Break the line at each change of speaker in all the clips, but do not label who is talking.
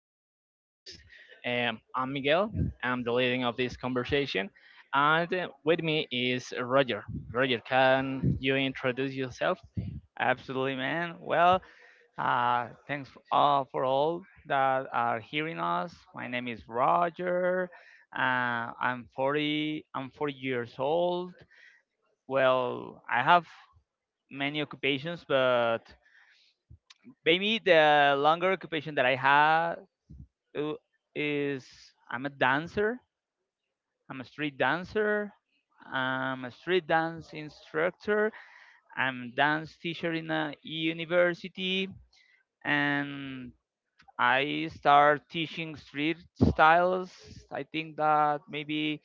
or professions. I'm Miguel. I'm the leading of this conversation, and with me is Roger. Roger, can you introduce yourself?
Absolutely, man. Well, thanks for for all that are hearing us. My name is Roger. I'm 40. I'm 40 years old. Well, I have many occupations, but maybe the longer occupation that I have uh, is I'm a dancer. I'm a street dancer. I'm a street dance instructor. I'm dance teacher in a university and I start teaching street styles. I think that maybe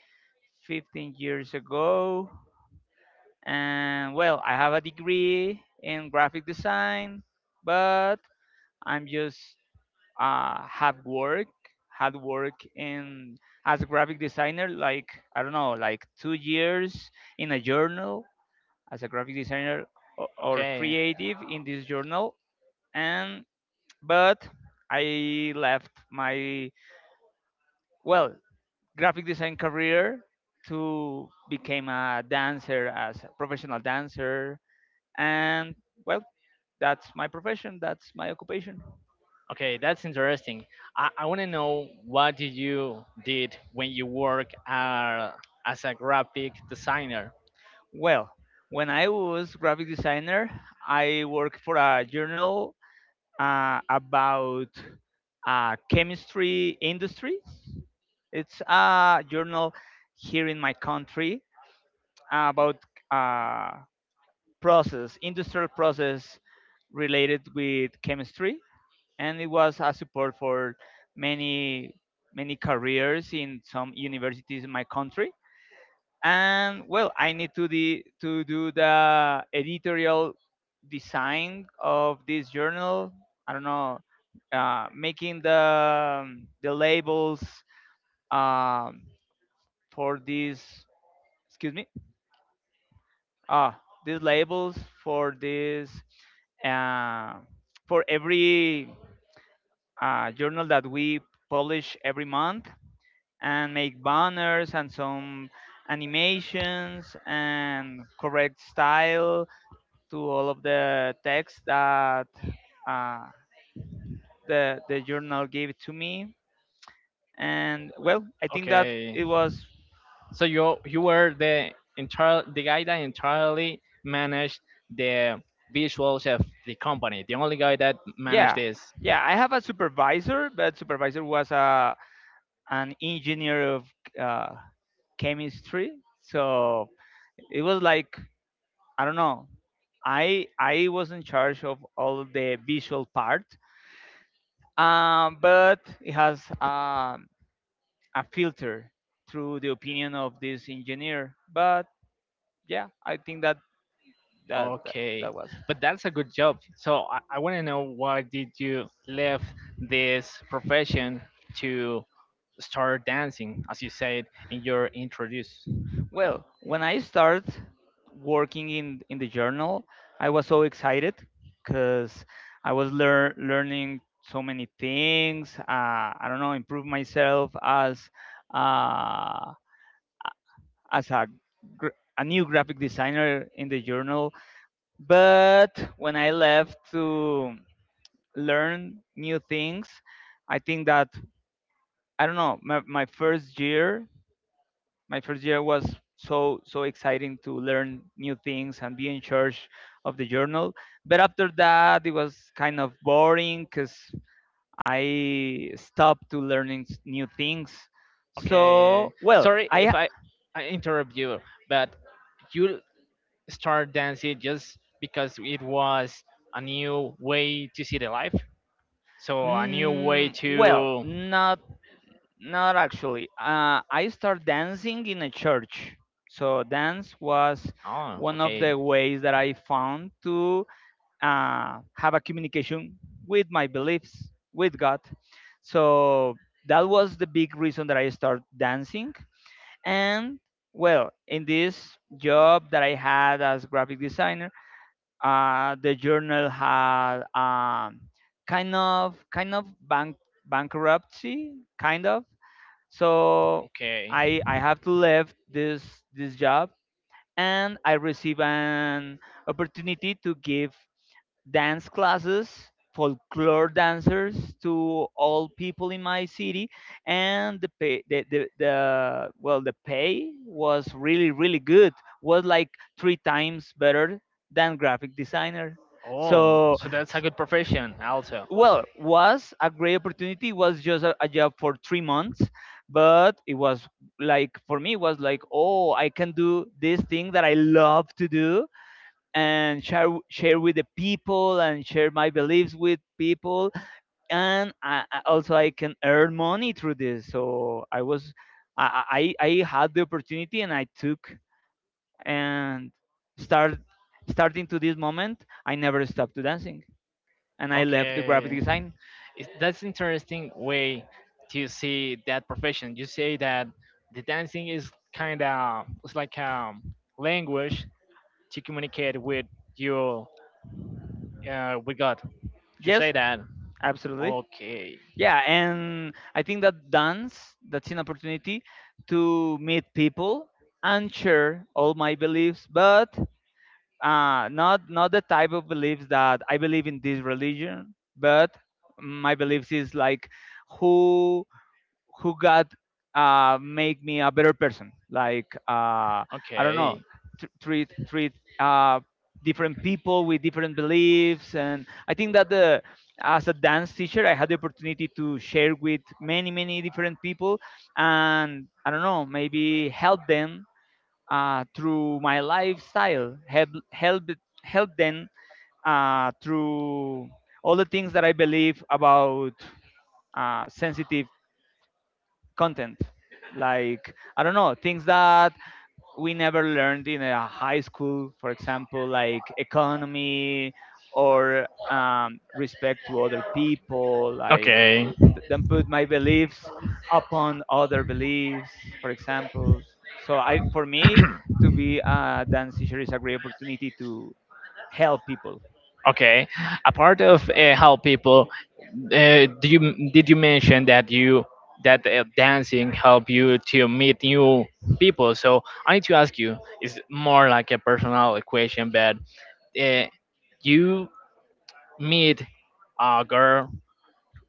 15 years ago. And well, I have a degree in graphic design, but I'm just have work had work in as a graphic designer like I don't know like 2 years in a journal as a graphic designer or
Okay.
creative in this journal and but I left my well graphic design career to became a dancer as a professional dancer and well, that's my profession, that's my occupation.
Okay, that's interesting. I want to know what did you did when you work as a graphic designer.
Well, when I was graphic designer, I worked for a journal about chemistry industry. It's a journal here in my country about uh, process industrial process related with chemistry, and it was a support for many many careers in some universities in my country. And well, I need to to do the editorial design of this journal. I don't know, making the labels, um, for these, excuse me, ah, these labels for this uh, for every journal that we publish every month, and make banners and some animations and correct style to all of the text that uh, the journal gave to me. And well, I think that
Okay.
it was,
So you were the guy that entirely managed the visuals of the company. The only guy that managed
yeah.
this.
Yeah, I have a supervisor, but supervisor was a an engineer of uh, chemistry, so it was like, I don't know. I was in charge of all the visual part, but it has, a filter through the opinion of this engineer. But yeah, I think that that that,
Okay,
that was.
but that's a good job. So I want to know why did you leave this profession to start dancing, as you said in your introduce.
Well, when I started working in the journal, I was so excited because I was learning so many things. I don't know, improve myself uh, as a a new graphic designer in the journal, but when I left to learn new things. I think that, I don't know. My first year, my first year was so so exciting to learn new things and be in charge of the journal. But after that, it was kind of boring because I stopped to learning new things.
Okay,
So well,
sorry
I,
if I interrupt you, but you start dancing just because it was a new way to see the life. So a new way
mm, well,
to.
not. Not actually. I started dancing in a church. So dance was
Oh,
one of
okay,
the ways that I found to have a communication with my beliefs, with God. So that was the big reason that I started dancing. And well, in this job that I had as graphic designer, the journal had, kind of kind of bankruptcy, kind of, so
okay.
I have to leave this job, and I receive an opportunity to give dance classes folklore dancers to all people in my city, and the pay, the the pay was really really good, was like three times better than graphic designer.
Oh,
So
so that's a good profession also.
well, was a great opportunity, it was just a job for 3 months, but it was, like for me it was like, oh, I can do this thing that I love to do and share with the people and share my beliefs with people, and also I can earn money through this, so I was, I had the opportunity and I took, and start starting to this moment I never stopped to dancing, and I left the graphic
Okay,
design.
That's interesting way to see that profession. You say that the dancing is kind of it's like a language to communicate with your with God. You say
Yes,
that.
absolutely.
Okay,
Yeah, and I think that dance, that's an opportunity to meet people and share all my beliefs, but not the type of beliefs that I believe in this religion, but my beliefs is like, who who God make me a better person. Like, I don't know,
okay,
treat different people with different beliefs, and I think that the, as a dance teacher, I had the opportunity to share with many many different people, and I don't know, maybe help them through my lifestyle, help help them through all the things that I believe about sensitive content, like I don't know, things that we never learned in a high school, for example, like economy, or respect to other people, like,
okay.
then put my beliefs upon other beliefs, for example, so I, for me, to be a dance teacher is a great opportunity to help people.
Okay. A part of help people, do you did you mention that you that dancing help you to meet new people? So I need to ask you. It's more like a personal question, but uh, you meet a girl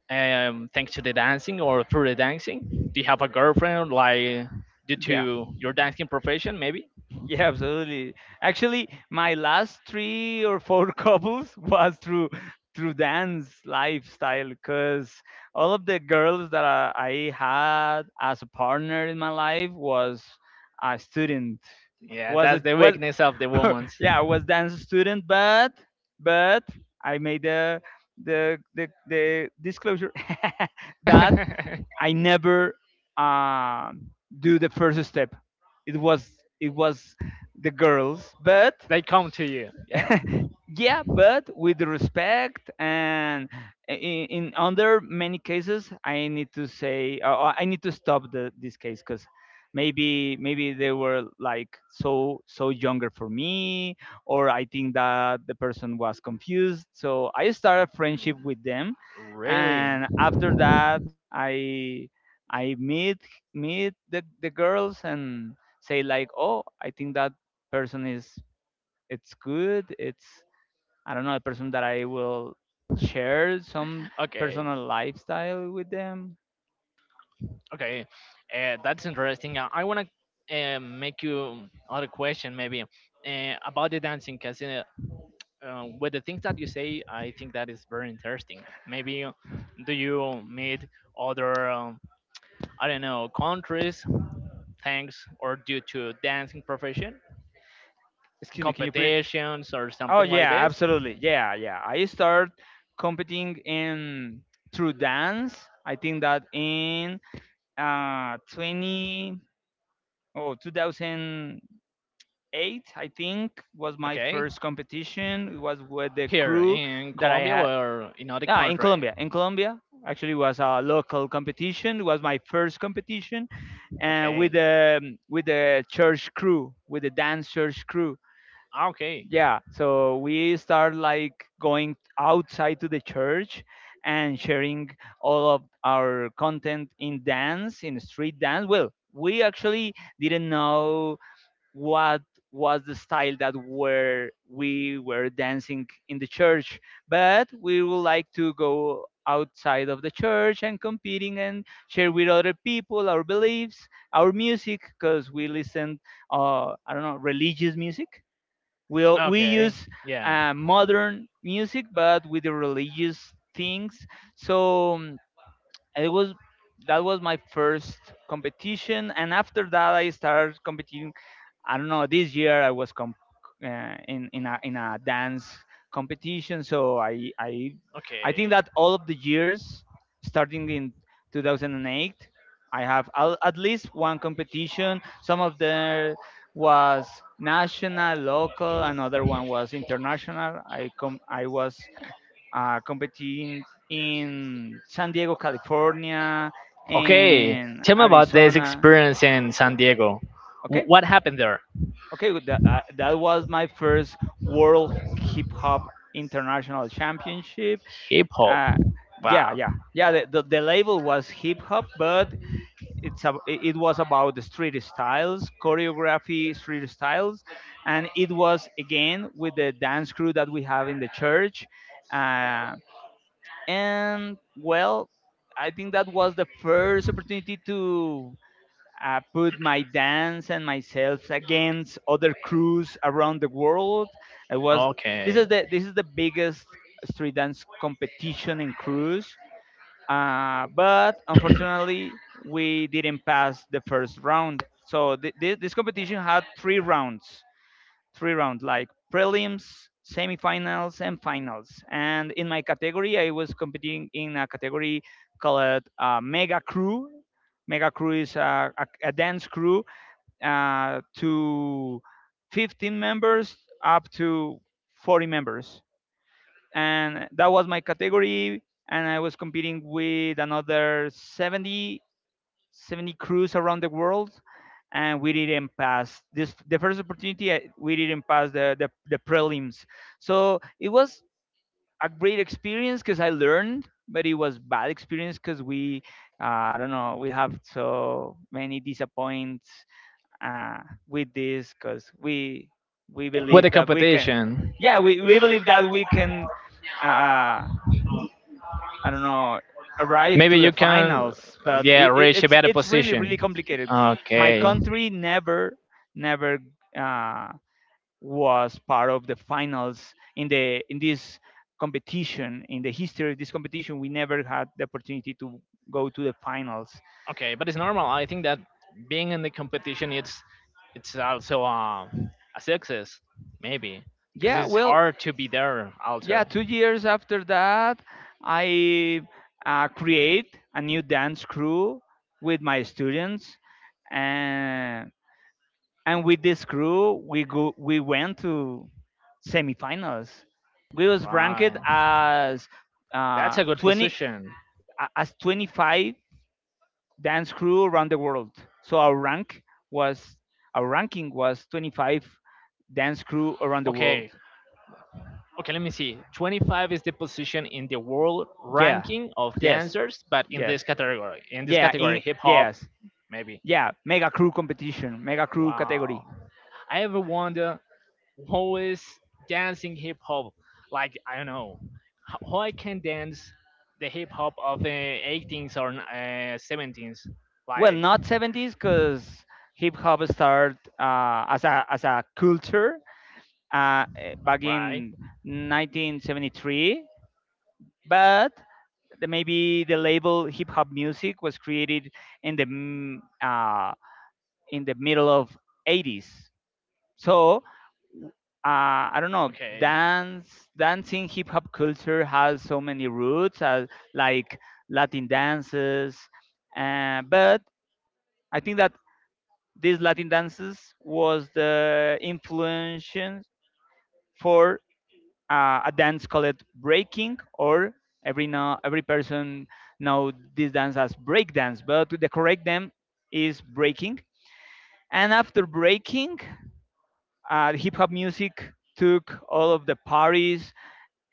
thanks to the dancing or through the dancing? Do you have a girlfriend like due
Yeah.
to your dancing profession, maybe?
Yeah, absolutely. Actually, my last three or four couples was through through dance lifestyle because all of the girls that I had as a partner in my life was a student.
Yeah,
Was
that's
it
the
was
weakness of the women.
yeah, was dance student, but I made the the disclosure that I never, um, do the first step. It was the girls, but,
They come to you. Yeah.
yeah, but with respect, and in under many cases, I need to say, I need to stop this case because maybe they were like so so younger for me, or I think that the person was confused, so I started friendship with them,
Really?
and after that, i I meet the girls and say like, oh, I think that person is, it's good, it's, I don't know, a person that I will share some
Okay.
personal lifestyle with them.
Okay. That's interesting. I want to make you other question maybe about the dancing because with the things that you say, I think that is very interesting. Maybe do you meet other I don't know, countries thanks or due to dancing profession
Excuse me, can you pre.
competitions or
Oh
something like
yeah,
this?
absolutely. Yeah, yeah. I start competing in through dance. I think that in 20 oh 2008, I think was my
Okay.
first competition. It was with the
Here
crew
in
that I
Colombia
had,
or in other
ah, in
country?
Colombia. In Colombia, actually was a local competition. It was my first competition, and with
Okay.
the with the dance church crew.
Ah, okay.
Yeah, so we start like going outside to the church and sharing all of our content in dance, in street dance. Well, we actually didn't know what was the style that were we were dancing in the church, but we would like to go outside of the church and competing and share with other people our beliefs, our music, because we listen I don't know religious music, we
Okay.
use
Yeah.
modern music but with the religious things. So, it was, that was my first competition, and after that I started competing. I don't know. This year I was in a dance competition, so I I think
Okay.
that all of the years, starting in 2008, I have at least one competition. Some of them was national, local. Another one was international. I was competing in San Diego, California,
Okay.
and
Tell me about this
Arizona.
experience in San Diego.
Okay.
What happened there?
Okay, with that, that was my first World Hip Hop International Championship.
Hip hop.
Uh, yeah,
Wow.
yeah, yeah. The label was hip hop, but it's it was about the street styles, choreography, street styles, and it was again with the dance crew that we have in the church. Uh, and well, I think that was the first opportunity to put my dance and myself against other crews around the world. It was,
Okay.
this is the biggest street dance competition in cruise. But unfortunately, we didn't pass the first round. So this competition had three rounds like prelims, semifinals, and finals. And in my category, I was competing in a category called, Mega Crew. Mega Crew is a dance crew to 15 members up to 40 members. And that was my category. And I was competing with another 70 crews around the world, and we didn't pass this, the first opportunity, we didn't pass the prelims. So it was a great experience because I learned, but it was bad experience because we, I don't know, we have so many disappoints, uh, with this because we
With
believe
the
that we can,
competition,
yeah, we believe that we can, uh, I don't know, arrive
maybe
to the
you can,
finals. But
yeah, reach a
it's
better
it's really really
position.
complicated. My
Okay.
country never uh, was part of the finals in the in this competition, in the history of this competition. We never had the opportunity to go to the finals.
Okay, but it's normal. I think that being in the competition, it's also a success, maybe, because
Yeah,
it's
well,
hard to be there
yeah.
also.
2 years after that, I create a new dance crew with my students, and and with this crew we we went to semifinals. We was ranked
Right.
as,
That's
uh,
a good
20
position.
25 dance crew around the world, so our rank was, our ranking was 25 dance crew around the world.
Okay. Okay, let me see. 25 is the position in the world
Yeah,
ranking of
yes,
dancers, but
yes,
in this
yeah,
category,
in,
hip hop,
yes,
maybe.
yeah, mega crew competition, mega crew category.
Wow. I ever wonder who is dancing hip hop, like I don't know, who I can dance the hip hop of the 18s or 70s,
Well,
like.
not 70s, because hip hop started, as a culture, back
Right.
in 1973, but the, maybe the label hip hop music was created in the in the middle of 80s. So I don't know.
Okay,
Dancing, hip hop culture has so many roots, like Latin dances, but I think that these Latin dances was the influence for a dance called breaking. Or every person know this dance as break dance, but the correct name is breaking. And after breaking, hip hop music took all of the parties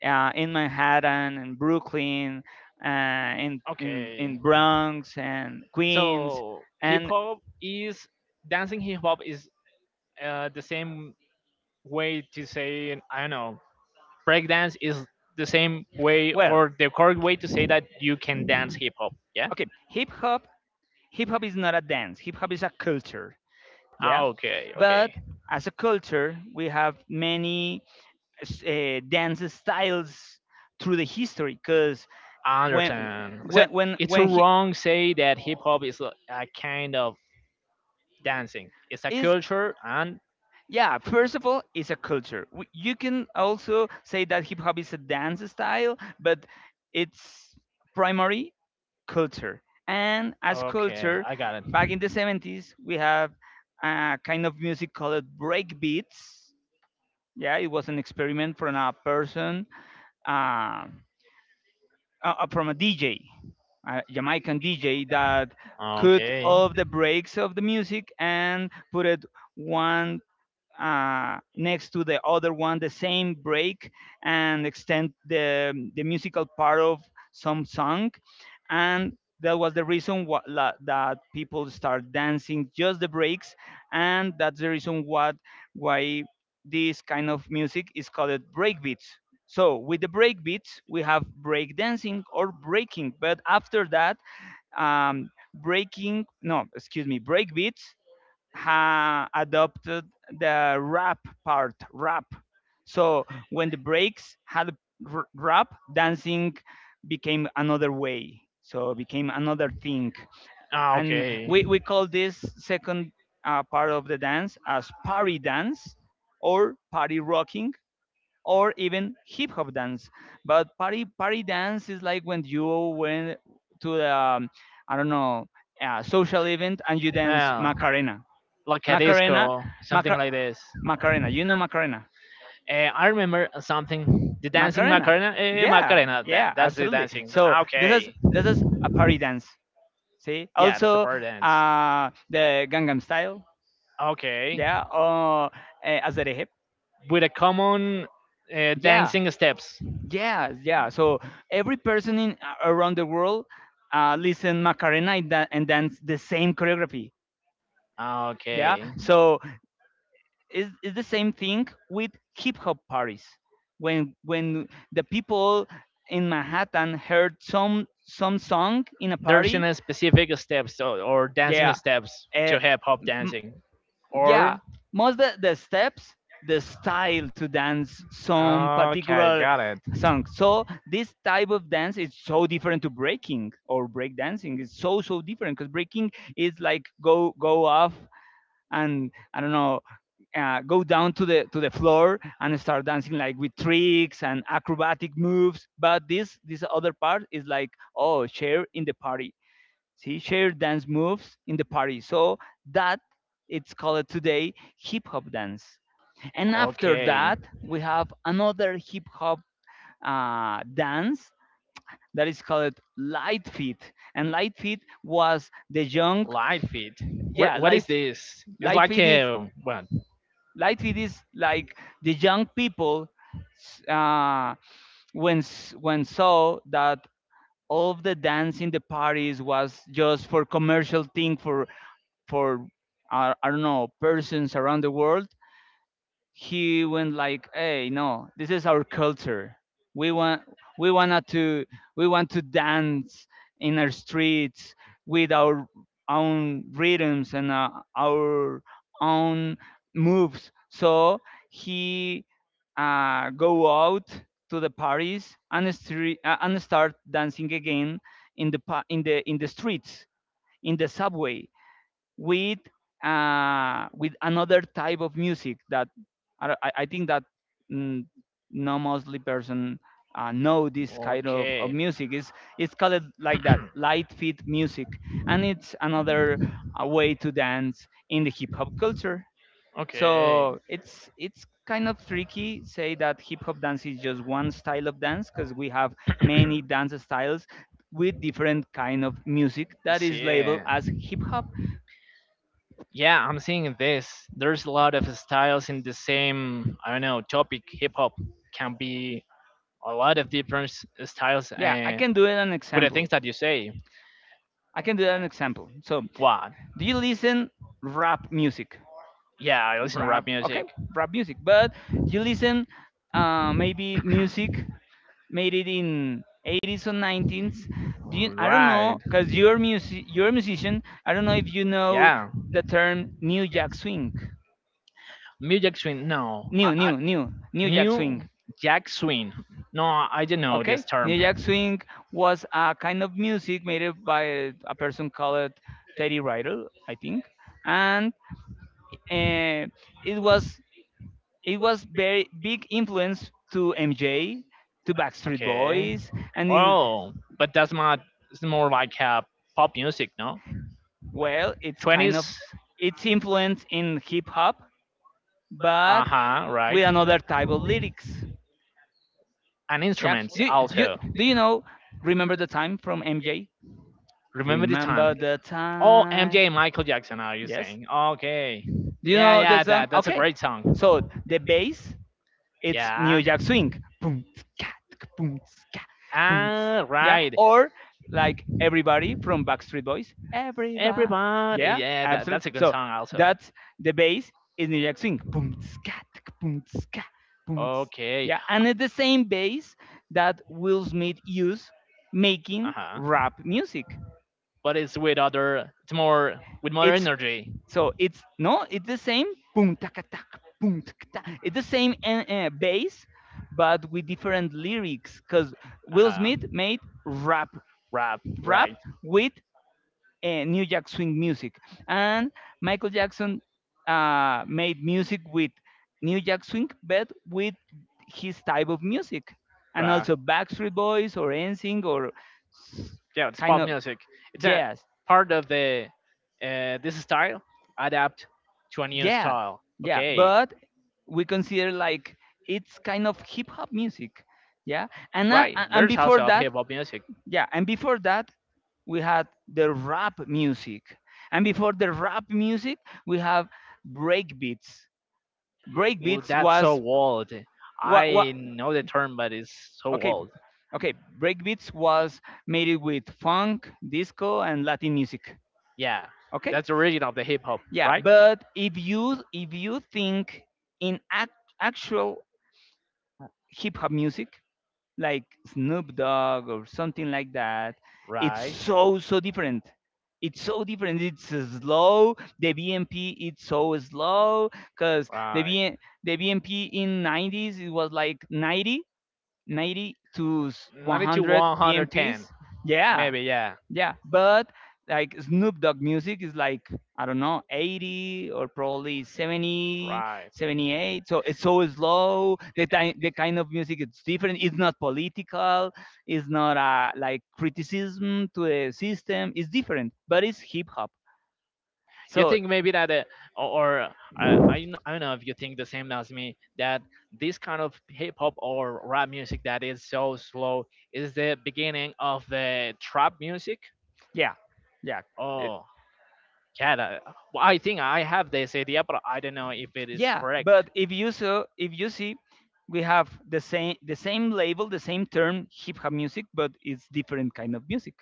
in Manhattan and Brooklyn, uh, in, in
okay.
in Bronx and Queens.
so hip
And
hop is dancing hip hop is the same way to say, I don't know, breakdance is the same way
well,
or the correct way to say that you can dance hip hop? Yeah.
okay, hip hop is not a dance, hip hop is a culture. Yeah,
Ah, okay, okay.
but as a culture we have many dance styles through the history, because
I
when
understand. So
when when
it's
when he
wrong say that hip hop is a kind of dancing. It's a
is,
culture, and
yeah, first of all it's a culture. You can also say that hip hop is a dance style, but it's primary culture. And as
okay,
culture,
I got
back in the
it.
70s we have a kind of music called break beats. Yeah, it was an experiment from a person, uh, from a DJ, Jamaican DJ that cut
Okay.
off the breaks of the music and put it one next to the other one, the same break, and extend the musical part of some song. And that was the reason that people start dancing just the breaks, and that's the reason what why this kind of music is called breakbeats. So with the breakbeats we have break dancing or breaking, but after that, breaking, no, excuse me, breakbeats ha adopted the rap part, rap. So when the breaks had rap, dancing became another way. So it became another thing,
Ah,
and
okay.
we call this second part of the dance as party dance, or party rocking, or even hip hop dance. But party dance is like when you went to the I don't know, a social event, and you dance
Well,
Macarena.
like a
Macarena,
disco, something
Macar-
like this.
Macarena. You know Macarena.
Eh, I remember something. The dancing
Macarena.
Macarena. Eh,
Yeah,
Macarena. That,
yeah,
that's the
absolutely.
dancing.
So
Ah,
this is
okay.
this is a party dance. See,
Yeah, that's the
also
bar dance.
the Gangnam Style.
Okay.
Yeah, or Azare.
With a common
Yeah,
dancing steps.
yeah, yeah. So every person in around the world listen Macarena, and and dance the same choreography.
Ah,
Yeah.
okay.
So is the same thing with hip hop parties. When the people in Manhattan heard some song in a
There's in
party,
a specific steps or dancing
yeah,
steps
uh,
to hip hop
m-
dancing.
yeah,
Or
most the steps, the style to dance some
okay,
particular
got it.
song. So this type of dance is so different to breaking or break dancing. It's so different, because breaking is like go off and, I don't know, go down to the floor and start dancing like with tricks and acrobatic moves. But this other part is like, oh, share in the party. See, share dance moves in the party. So that it's called today hip hop dance. And after
Okay.
that we have another hip hop dance that is called light feet. And light feet was the young,
Light feet. Where,
yeah,
what is
light,
this? It's
light
like
feet is,
a what?
like it is like the young people, s- uh, when when saw that all of the dance in the parties was just for commercial thing, for I don't know, persons around the world, he went like, hey, no, this is our culture, we want, we wanted to, we want to dance in our streets with our own rhythms, and our own moves. So he go out to the parties, and and start dancing again in the streets in the subway, with with another type of music. That I think that mm, no mostly person know this kind of
Okay.
music is, it's called like that light feet music. And it's another way to dance in the hip hop culture. So it's
Okay.
kind of tricky say that hip hop dance is just one style of dance, because we have many dance styles with different kind of music that is
See,
labeled as hip hop.
yeah, I'm seeing this. There's a lot of styles in the same, I don't know, topic. Hip hop can be a lot of different styles,
Yeah, I
and
can do it an
with the
example.
things that you say.
I can do an example. So,
What?
do you listen rap music?
Yeah, I listen to rap
Rap, okay,
music.
rap music. But you listen maybe music made it in 80s or 90s. Do you, I don't know,
Right.
cause you're music, you're a musician. I don't know if you know
Yeah.
the term New Jack Swing.
Music swing? No, I Jack Swing.
New Jack Swing.
New Jack Swing. No, I don't know
Okay,
this term.
New Jack
New.
Swing was a kind of music made up by a person called Teddy Ryder, I think, and uh, it was it was very big influence to MJ, to Backstreet
Okay.
Boys, and it,
Oh, but that's not. It's more like pop music, no?
well, it's kind
Twenties.
of, it's influence in hip hop, but
But huh. Right.
with another type of lyrics.
And
Yeah.
instruments also.
Do you know Remember the Time from MJ?
Remember the
Remember
time.
the
Oh,
Time.
MJ, Michael Jackson. Are you. Yes.
Yes.
saying? Okay. Do
Do
you.
you
Yeah,
know the
yeah.
song?
That's a
Okay.
great song.
So the bass, it's New
Yeah.
Jack Swing. Boom, ska, boom, ska, boom.
Ah,
Yeah.
right.
Or like Everybody from Backstreet Boys. Everybody.
Everybody.
Yeah,
Yeah, that's
absolutely.
a good
So
song also.
that's the bass is New Jack Swing. Boom, ska, boom, ska, boom.
Okay.
Yeah. And it's the same bass that Will Smith used
Uh
making
huh.
rap music.
But it's with other. It's more with more
It's,
energy.
so it's, no, it's the same boom taka tak boom taka tak. It's the same bass, but with different lyrics. Cause
Uh
Will
huh.
Smith made rap,
Rap. Right.
rap
His.
with New Jack Swing music, and Michael Jackson made music with New Jack Swing, but with his type of music, and
Right.
also Backstreet Boys or NSYNC or s-
Yeah, it's
kind
pop
of
music. It's a
jazz.
part of the this style adapt to a new
Yeah,
style.
yeah,
Okay,
but we consider like it's kind of hip hop music. Yeah. And
right.
and
There's
before
also
that,
hip hop music.
yeah, and before that we had the rap music, and before the rap music we have break beats. Break
Well,
beats
that's so
was,
old.
what,
I know the term, but it's so
okay,
old.
okay, break beats was made it with funk, disco and Latin music.
Yeah,
Okay.
that's the origin of the hip hop,
Yeah,
right?
but if you, if you think in actual hip hop music like Snoop Dogg or something like that, it's
Right,
so different. It's so different. It's slow. The BMP it's so slow, because
right.
The BMP in 90s it was like 90, ninety to
Ninety to
100
one hundred ten,
BMPs. Yeah,
maybe. Yeah,
yeah, but like Snoop Dogg music is like, I don't know, 80, or probably 70
right.
78 so it's so slow. The, the kind of music, it's different, it's not political, it's not like criticism to the system, it's different, but it's hip-hop.
You
So
think maybe that, or I I don't know if you think the same as me that this kind of hip hop or rap music that is so slow is the beginning of the trap music.
yeah, yeah. Uh,
Oh, yeah. That, well, I think I have this idea, but I don't know if it is
yeah,
correct.
but if you, so if you see, we have the same, the same label, the same term hip hop music, but it's different kind of music.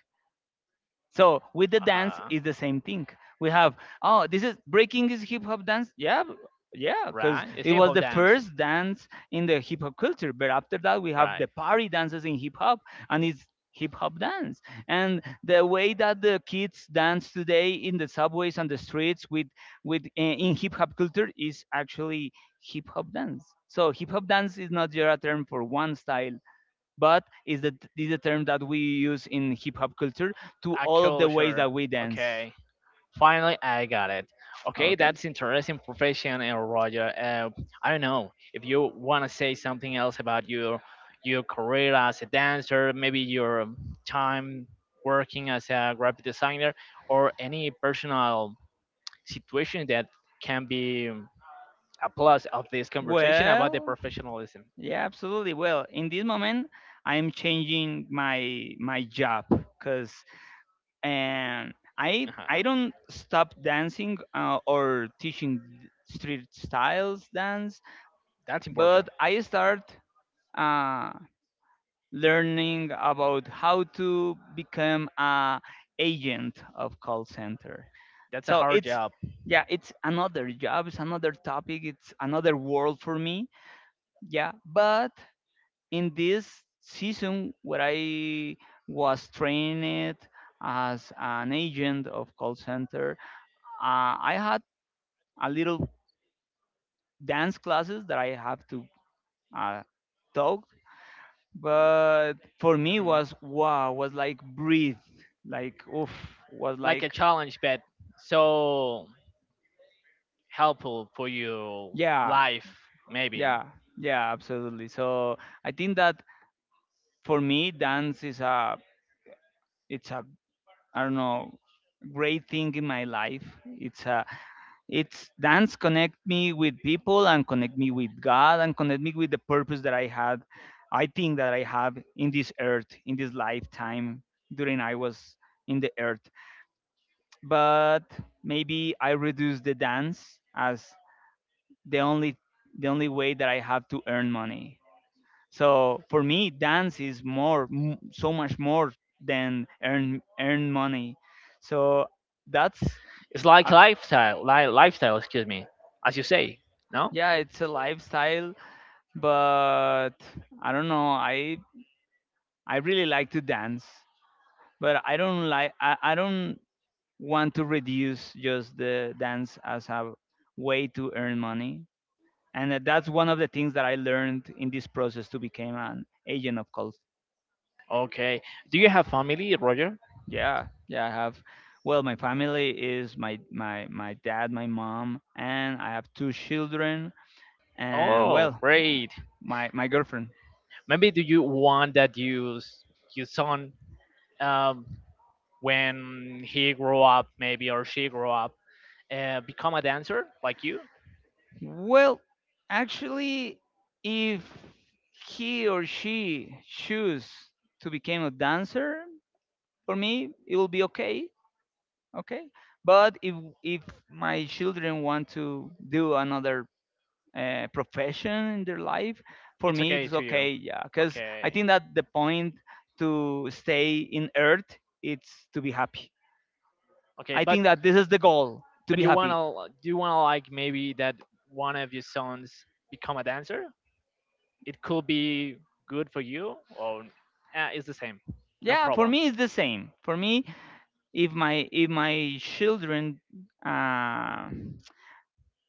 So with the
Uh
dance
huh.
is the same thing. We have, oh, this is breaking, is hip hop dance. Yeah, yeah, because
Right? It's
it
hip
was
hop
the
dance.
first dance in the hip hop culture. But after that we have the
Right.
party dances in hip hop, and it's hip hop dance. And the way that the kids dance today in the subways and the streets with in hip hop culture is actually hip hop dance. So hip hop dance is not just a term for one style, but is the term that we use in hip hop culture to
A
all of the ways
culture.
that we dance.
Okay. Finally, I got it. Okay,
Okay.
that's interesting profession, Roger. I don't know if you want to say something else about your career as a dancer, maybe your time working as a graphic designer, or any personal situation that can be a plus of this conversation about the
Well,
professionalism.
yeah, absolutely. Well, in this moment, I'm changing my job, because and I
Uh-huh.
don't stop dancing or teaching street styles dance,
That's important.
but I start uh, learning about how to become a agent of call center.
That's a
So
hard
it's,
job.
yeah, it's another job, it's another topic, it's another world for me. Yeah, but in this season where I was trained as an agent of call center, I had a little dance classes that I have to uh, talk, but for me
Mhm.
was wow, was like breathe, like oof, was
Like
like,
a challenge, but so helpful for your
yeah,
life, maybe.
yeah, yeah, absolutely. So I think that for me dance is a, it's a, I don't know, great thing in my life. It's a, it's, dance connect me with people and connect me with God and connect me with the purpose that I had, I think that I have in this earth in this lifetime during I was in the earth. But maybe I reduce the dance as the only, the only way that I have to earn money. So for me, dance is more, so much more than earn money. So that's
It's like
uh,
lifestyle, lifestyle, excuse me, as you say. No.
yeah, it's a lifestyle, but I don't know. I really like to dance, but I don't like, I don't want to reduce just the dance as a way to earn money. And that's one of the things that I learned in this process to become an agent of cult.
Okay, do you have family, Roger?
Yeah, yeah, I have. Well, my family is my dad, my mom, and I have two children, and
Oh,
well,
great.
my girlfriend.
Maybe do you want that your son, um, when he grow up, maybe, or she grow up, become a dancer like you?
Well, actually, if he or she choose to become a dancer, for me it will be okay, okay. But if my children want to do another profession in their life for
It's
me
okay
it's
to you.
okay, yeah, because I
Okay,
think that the point to stay in earth it's to be happy.
okay,
I
but.
think that this is the goal, to
But
be
you
happy.
wanna do you wanna, like, maybe that one of your sons become a dancer? It could be good for you, or it's the same, no
Yeah, for
problem.
me it's the same for me. If my children uh,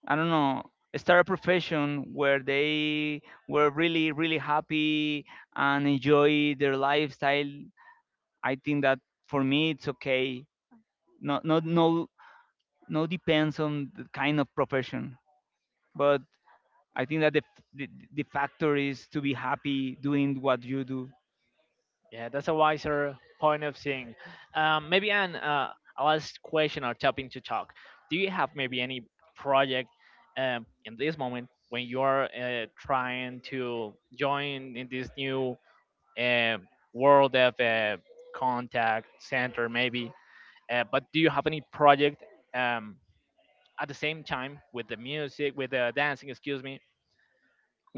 i don't know, start a profession where they were really happy and enjoy their lifestyle, I think that for me it's okay. No, no depends on the kind of profession. But I think that the, the factor is to be happy doing what you do.
Yeah, that's a wiser point of seeing. Maybe an a last question or topic to talk. Do you have maybe any project, in this moment when you are trying to join in this new um world of contact center, maybe? But do you have any project, um, at the same time with the music, with the dancing? Excuse me,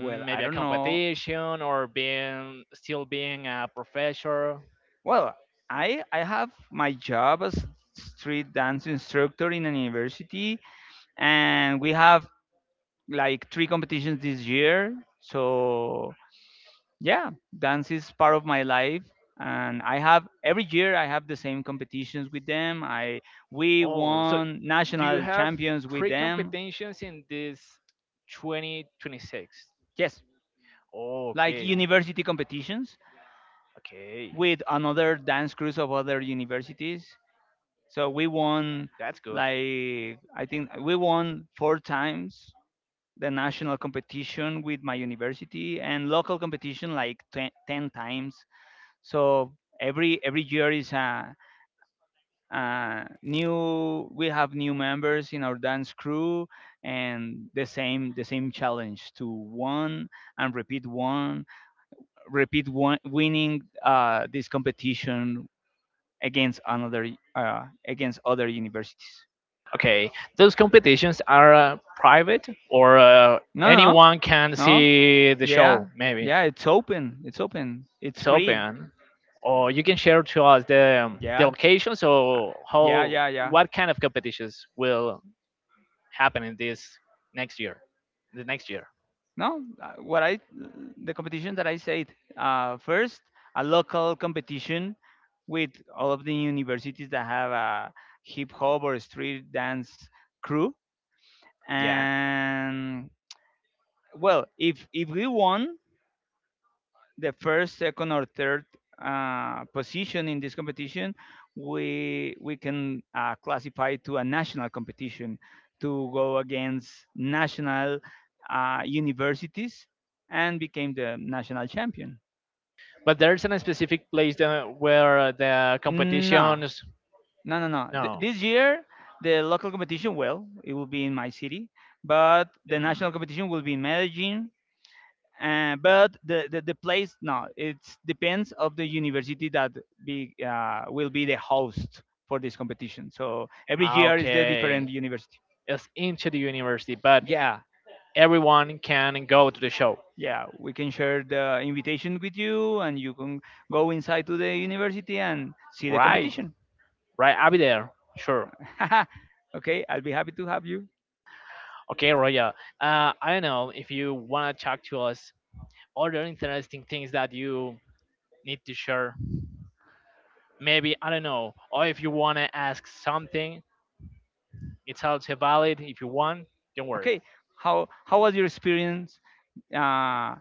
mm,
I
maybe a
don't know.
competition or being still being a professor.
Well, I have my job as street dance instructor in a university, and we have like 3 competitions this year, so yeah, dance is part of my life. And I have every year I have the same competitions with them. I We
Oh, so
won
do you
national
have
champions with
three
them.
competitions in this 2026?
Yes,
Oh,
like
okay,
university competitions
okay,
with another dance crews of other universities. So we won,
that's good.
like, I think we won 4 times the national competition with my university, and local competition like ten times. So every year is a new, we have new members in our dance crew, and the same challenge to one and repeat winning this competition against another, against other universities.
Okay, those competitions are private, or
No, no,
anyone can
no.
see the show.
Yeah,
Maybe
yeah. It's open. It's open. It's
it's
free.
open, or you can share to us the
Yeah,
location.
uh,
So
yeah,
how,
yeah, yeah.
what kind of competitions will happen in this next year? The next year,
No, what I the competition that I said, first a local competition with all of the universities that have a hip hop or street dance crew.
yeah.
And, well, if we won the first, second, or third position in this competition, we can classify to a national competition, to go against national universities and became the national champion.
But there's a specific place that, where the
No,
competitions.
no, no, no. Th-
No.
This year, the local competition, well, it will be in my city, but the national
Mhm.
competition will be in Medellin. But the place, no, it depends of the university that be will be the host for this competition. So every
Ah,
year is the
okay,
different university.
it's into the university, but
Yeah,
everyone can go to the show.
yeah, we can share the invitation with you and you can go inside to the university and see the
Right,
competition.
right. I'll be there. Sure.
Okay, I'll be happy to have you.
Okay, Roya. I don't know if you want to talk to us or the interesting things that you need to share. Maybe, I don't know. Or if you want to ask something, it's also valid. If you want, don't worry.
Okay, how was your experience, uh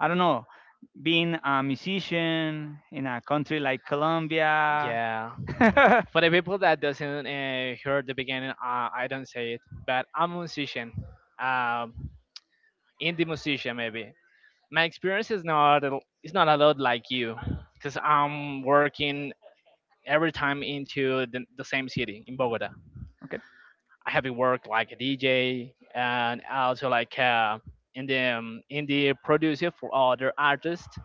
I don't know, being a musician in a country like Colombia?
Yeah.
Okay.
For the people that doesn't hear the beginning, I don't say it, but I'm a musician. Um, indie musician, maybe. My experience is not it's not a lot like you, because I'm working every time into the same city in Bogota. I have worked like a DJ, and also like in the producer for other artists,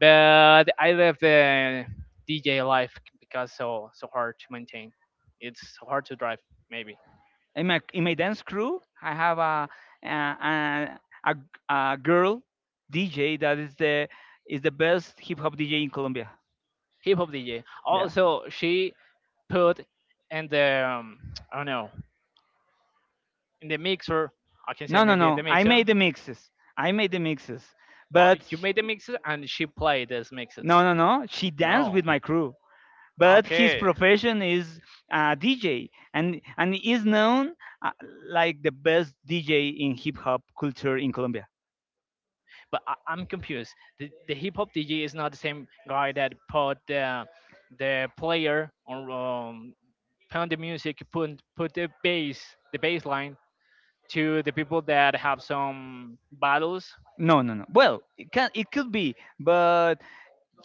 but I left the DJ life because so hard to maintain. It's so hard to drive, maybe.
In my dance crew I have a, a, a girl DJ that is the, is the best hip hop DJ in Colombia.
Hip hop DJ
Yeah.
also, she put in the I don't know, in the mixer, I can say,
no no
maybe
no
the
I
mixer.
made the mixes, I made the mixes,
Oh,
but
but you
sh-
made the mixes and she played these mixes.
no, she danced
No,
with
but
my crew.
his.
But his
Okay. Profession
profession
is.
is, DJ, and is known, uh, like the best DJ in hip hop culture in Colombia.
But I'm confused. The hip hop DJ is not the same guy that put the player on, put the music, put the bass line to the people that have some battles,
No, well, it can, it could be, but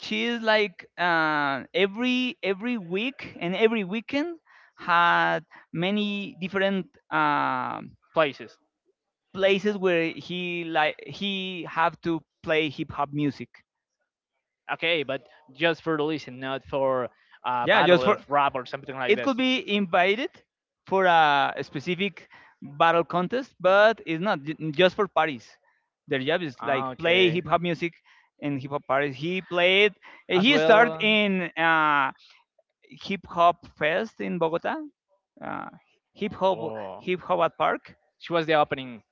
she is like, uh, every week and every weekend, had many different
places.
places where, he like, he have to play hip hop music.
Okay, but just for the listen, not for a, yeah,
Yeah, just
battle of,
for,
exactly, rap or something. They like
it
need to
could
this.
be invited for a specific battle contest, but it's not just for parties. Their job is
Ah,
like play
okay. Hip
hip
hop
hop
music.
music in hip hop parties. He played.
They. As just are
He started
well. In.
in hip hop fest in Bogota. Uh, hip hop
Oh,
hip hop at park.
she was the opening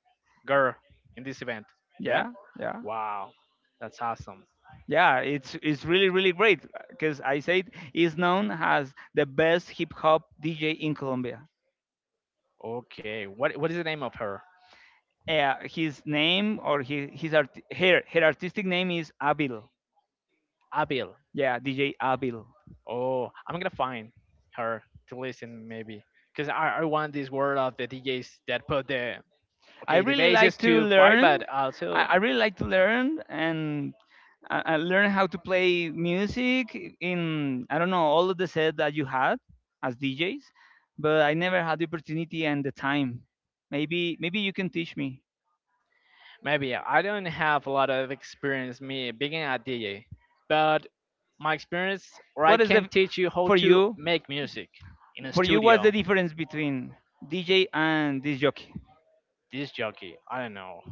girl in this event. Yeah.
Yeah, yeah.
Wow, that's awesome.
Yeah, it's really great because, I said, he's known as the best hip hop DJ in Colombia.
Okay, what is the name of her?
His art, her artistic name is Abil.
Abil.
Yeah, DJ Abil.
Oh, I'm gonna find her to listen, maybe, cause I want this world of the DJs that put the
I
okay, the
really like
bases
to
to fight,
learn.
but also
I really like to learn, and I learn how to play music in, I don't know, all of the set that you had as DJs, but I never had the opportunity and the time. Maybe you can teach me.
maybe I don't have a lot of experience, me being a DJ, but my experience, or I
What is
can
the
teach you how
for
to
you
make music in a
for you what's the
studio.
difference between DJ and disc jockey?
This jockey, I don't know,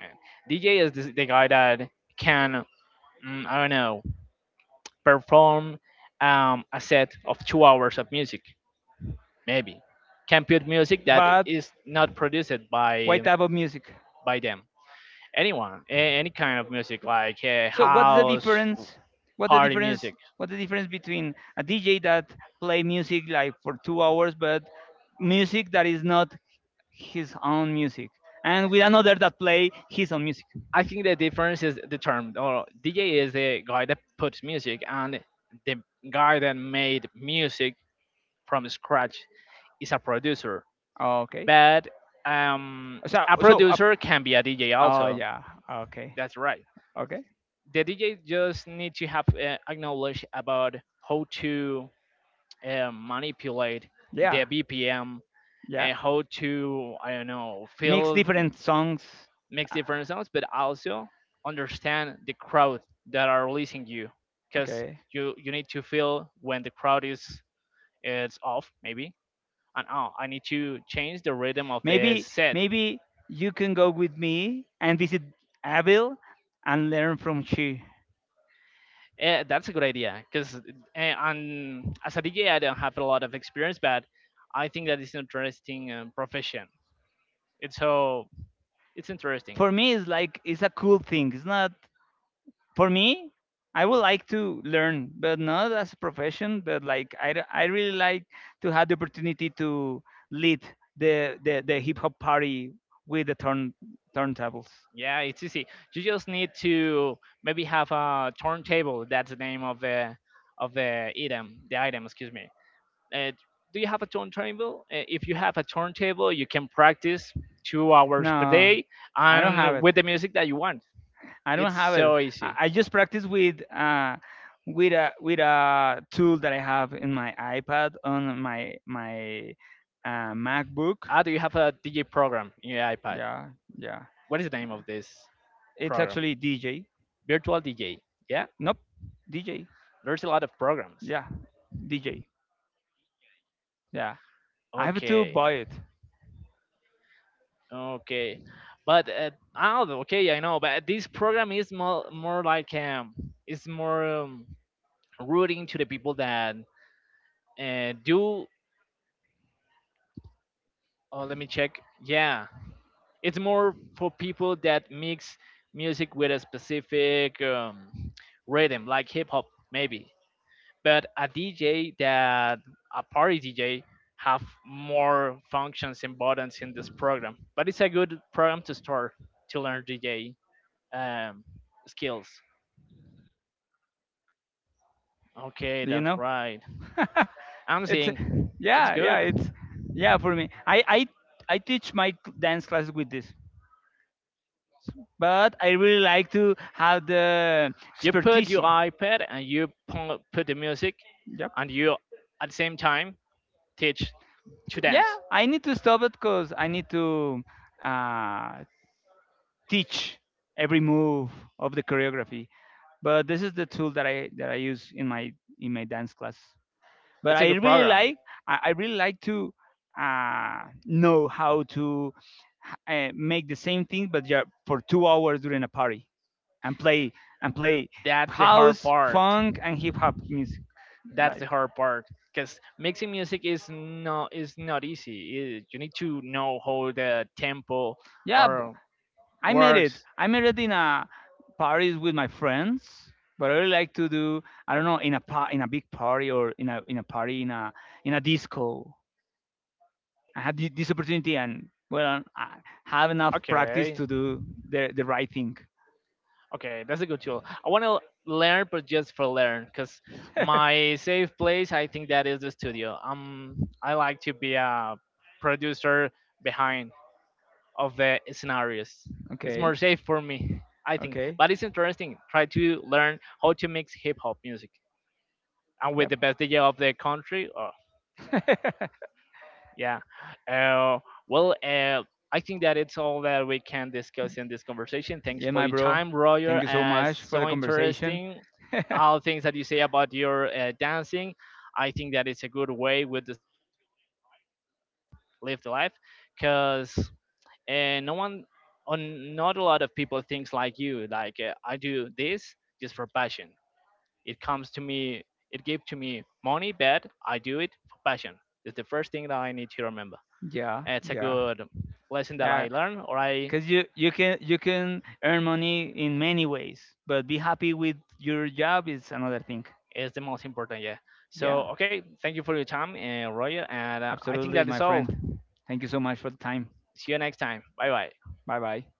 man. DJ is this, the guy that can, mm, I don't know, perform a set of 2 hours of music, maybe. Can put music that
But
is not produced by
what type of music?
by them. Anyone, any kind of music, like
So what's the
house,
difference? What the
party
difference?
music.
What the difference between a DJ that play music like for 2 hours, but music that is not his own music, and with another that play his own music?
I think the difference is the term. Or DJ is the guy that puts music, and the guy that made music from scratch is a producer.
Okay.
But um,
So
a
so
producer can be a DJ
oh
also.
yeah. Okay.
That's right.
Okay.
The DJ just need to have a knowledge about how to manipulate the
Yeah.
BPM,
Yeah.
and how to, I don't know,
Mix
feel
different songs.
mix
Ah,
different sounds, but also understand the crowd that are listening you, because
okay.
you need to feel when the crowd is it's off maybe, and, oh, I need to change the rhythm of the
Maybe
set.
maybe you can go with me and visit Abel and learn from she.
That's a good idea because, and as a DJ I don't have a lot of experience, but I think that is an interesting profession. It's it's interesting.
For me it's like, it's a cool thing. It's not, for me, I would like to learn, but not as a profession, but like I really like to have the opportunity to lead the hip hop party with the turntables.
Yeah, it's easy. You just need to maybe have a turntable. That's the name of the item, the item. Excuse me. Uh, do you have a turntable? If you have a turntable, you can practice 2 hours per
No,
day
I don't have
and
it,
with the music that you want.
I
It's
don't have it.
so easy.
I just practice with with a tool that I have in my iPad, on my MacBook.
Ah, do you have a DJ program in your iPad?
Yeah, yeah,
What is the name of this
it's
program?
actually DJ.
Virtual DJ. Yeah,
Nope. DJ.
there's a lot of programs.
Yeah, DJ. Yeah. I have to
Okay,
buy it.
okay, but oh, okay, I know. But this program is more like it's more rooting to the people that do. Oh, let me check. Yeah, it's more for people that mix music with a specific rhythm, like hip hop, maybe. But a DJ that, a party DJ, have more functions and buttons in this program. But it's a good program to start to learn DJ um, skills. Okay,
Do you
that's
know?
right. I'm
It's,
seeing it's
yeah, yeah,
good.
it's, yeah, for me. I teach my dance class with this. But I really like to have the
You put
expertise.
your iPad and you put the music,
Yep.
and you at the same time teach to
Yeah,
dance.
I need to stop it because I need to uh, teach every move of the choreography. But this is the tool that I use in my dance class. But
It's a
I
good
really
program.
like, I really like to know how to make the same thing but, yeah, for 2 hours during a party and play
That's the hard
house,
part.
funk, and hip hop music,
That's the
like,
hard part. Because mixing music is not easy. It- you need to know how the tempo
yeah b-
or
I made it.
works.
I made it in a parties with my friends, but I really like to do, I don't know, in a in a big party, or in a party in a disco. I had this opportunity, and well, I have enough practice
Okay,
to do the right thing.
okay, that's a good tool. I want to learn, but just for learn. Because my safe place, I think that is the studio. I like to be a producer behind of the scenarios. It's
Okay.
more safe for me, I think.
Okay.
But it's interesting. Try to learn how to mix hip hop music and with
Yep.
the best DJ of the country. Oh, yeah. Uh, well, I think that it's all that we can discuss in this conversation. Thanks
Yeah,
for
my
your
bro.
time, Roger.
Thank you so
It's
much for the
so
conversation.
interesting. All things that you say about your dancing. I think that it's a good way with this, live the life, because, and no one, on not a lot of people thinks like you, like, I do this just for passion. It comes to me. It gave to me money, but I do it for passion. It's the first thing that I need to remember.
Yeah,
It's a
yeah,
good lesson that
yeah.
I learned, or I
Cause you can, you can earn money in many ways, but be happy with your job is another thing.
is the most important. Yeah, so
Yeah,
okay, thank you for your time and Roger, and I think
absolutely,
that
my
is all.
friend. Thank you so much for the time.
See you next time. Bye bye.
Bye bye.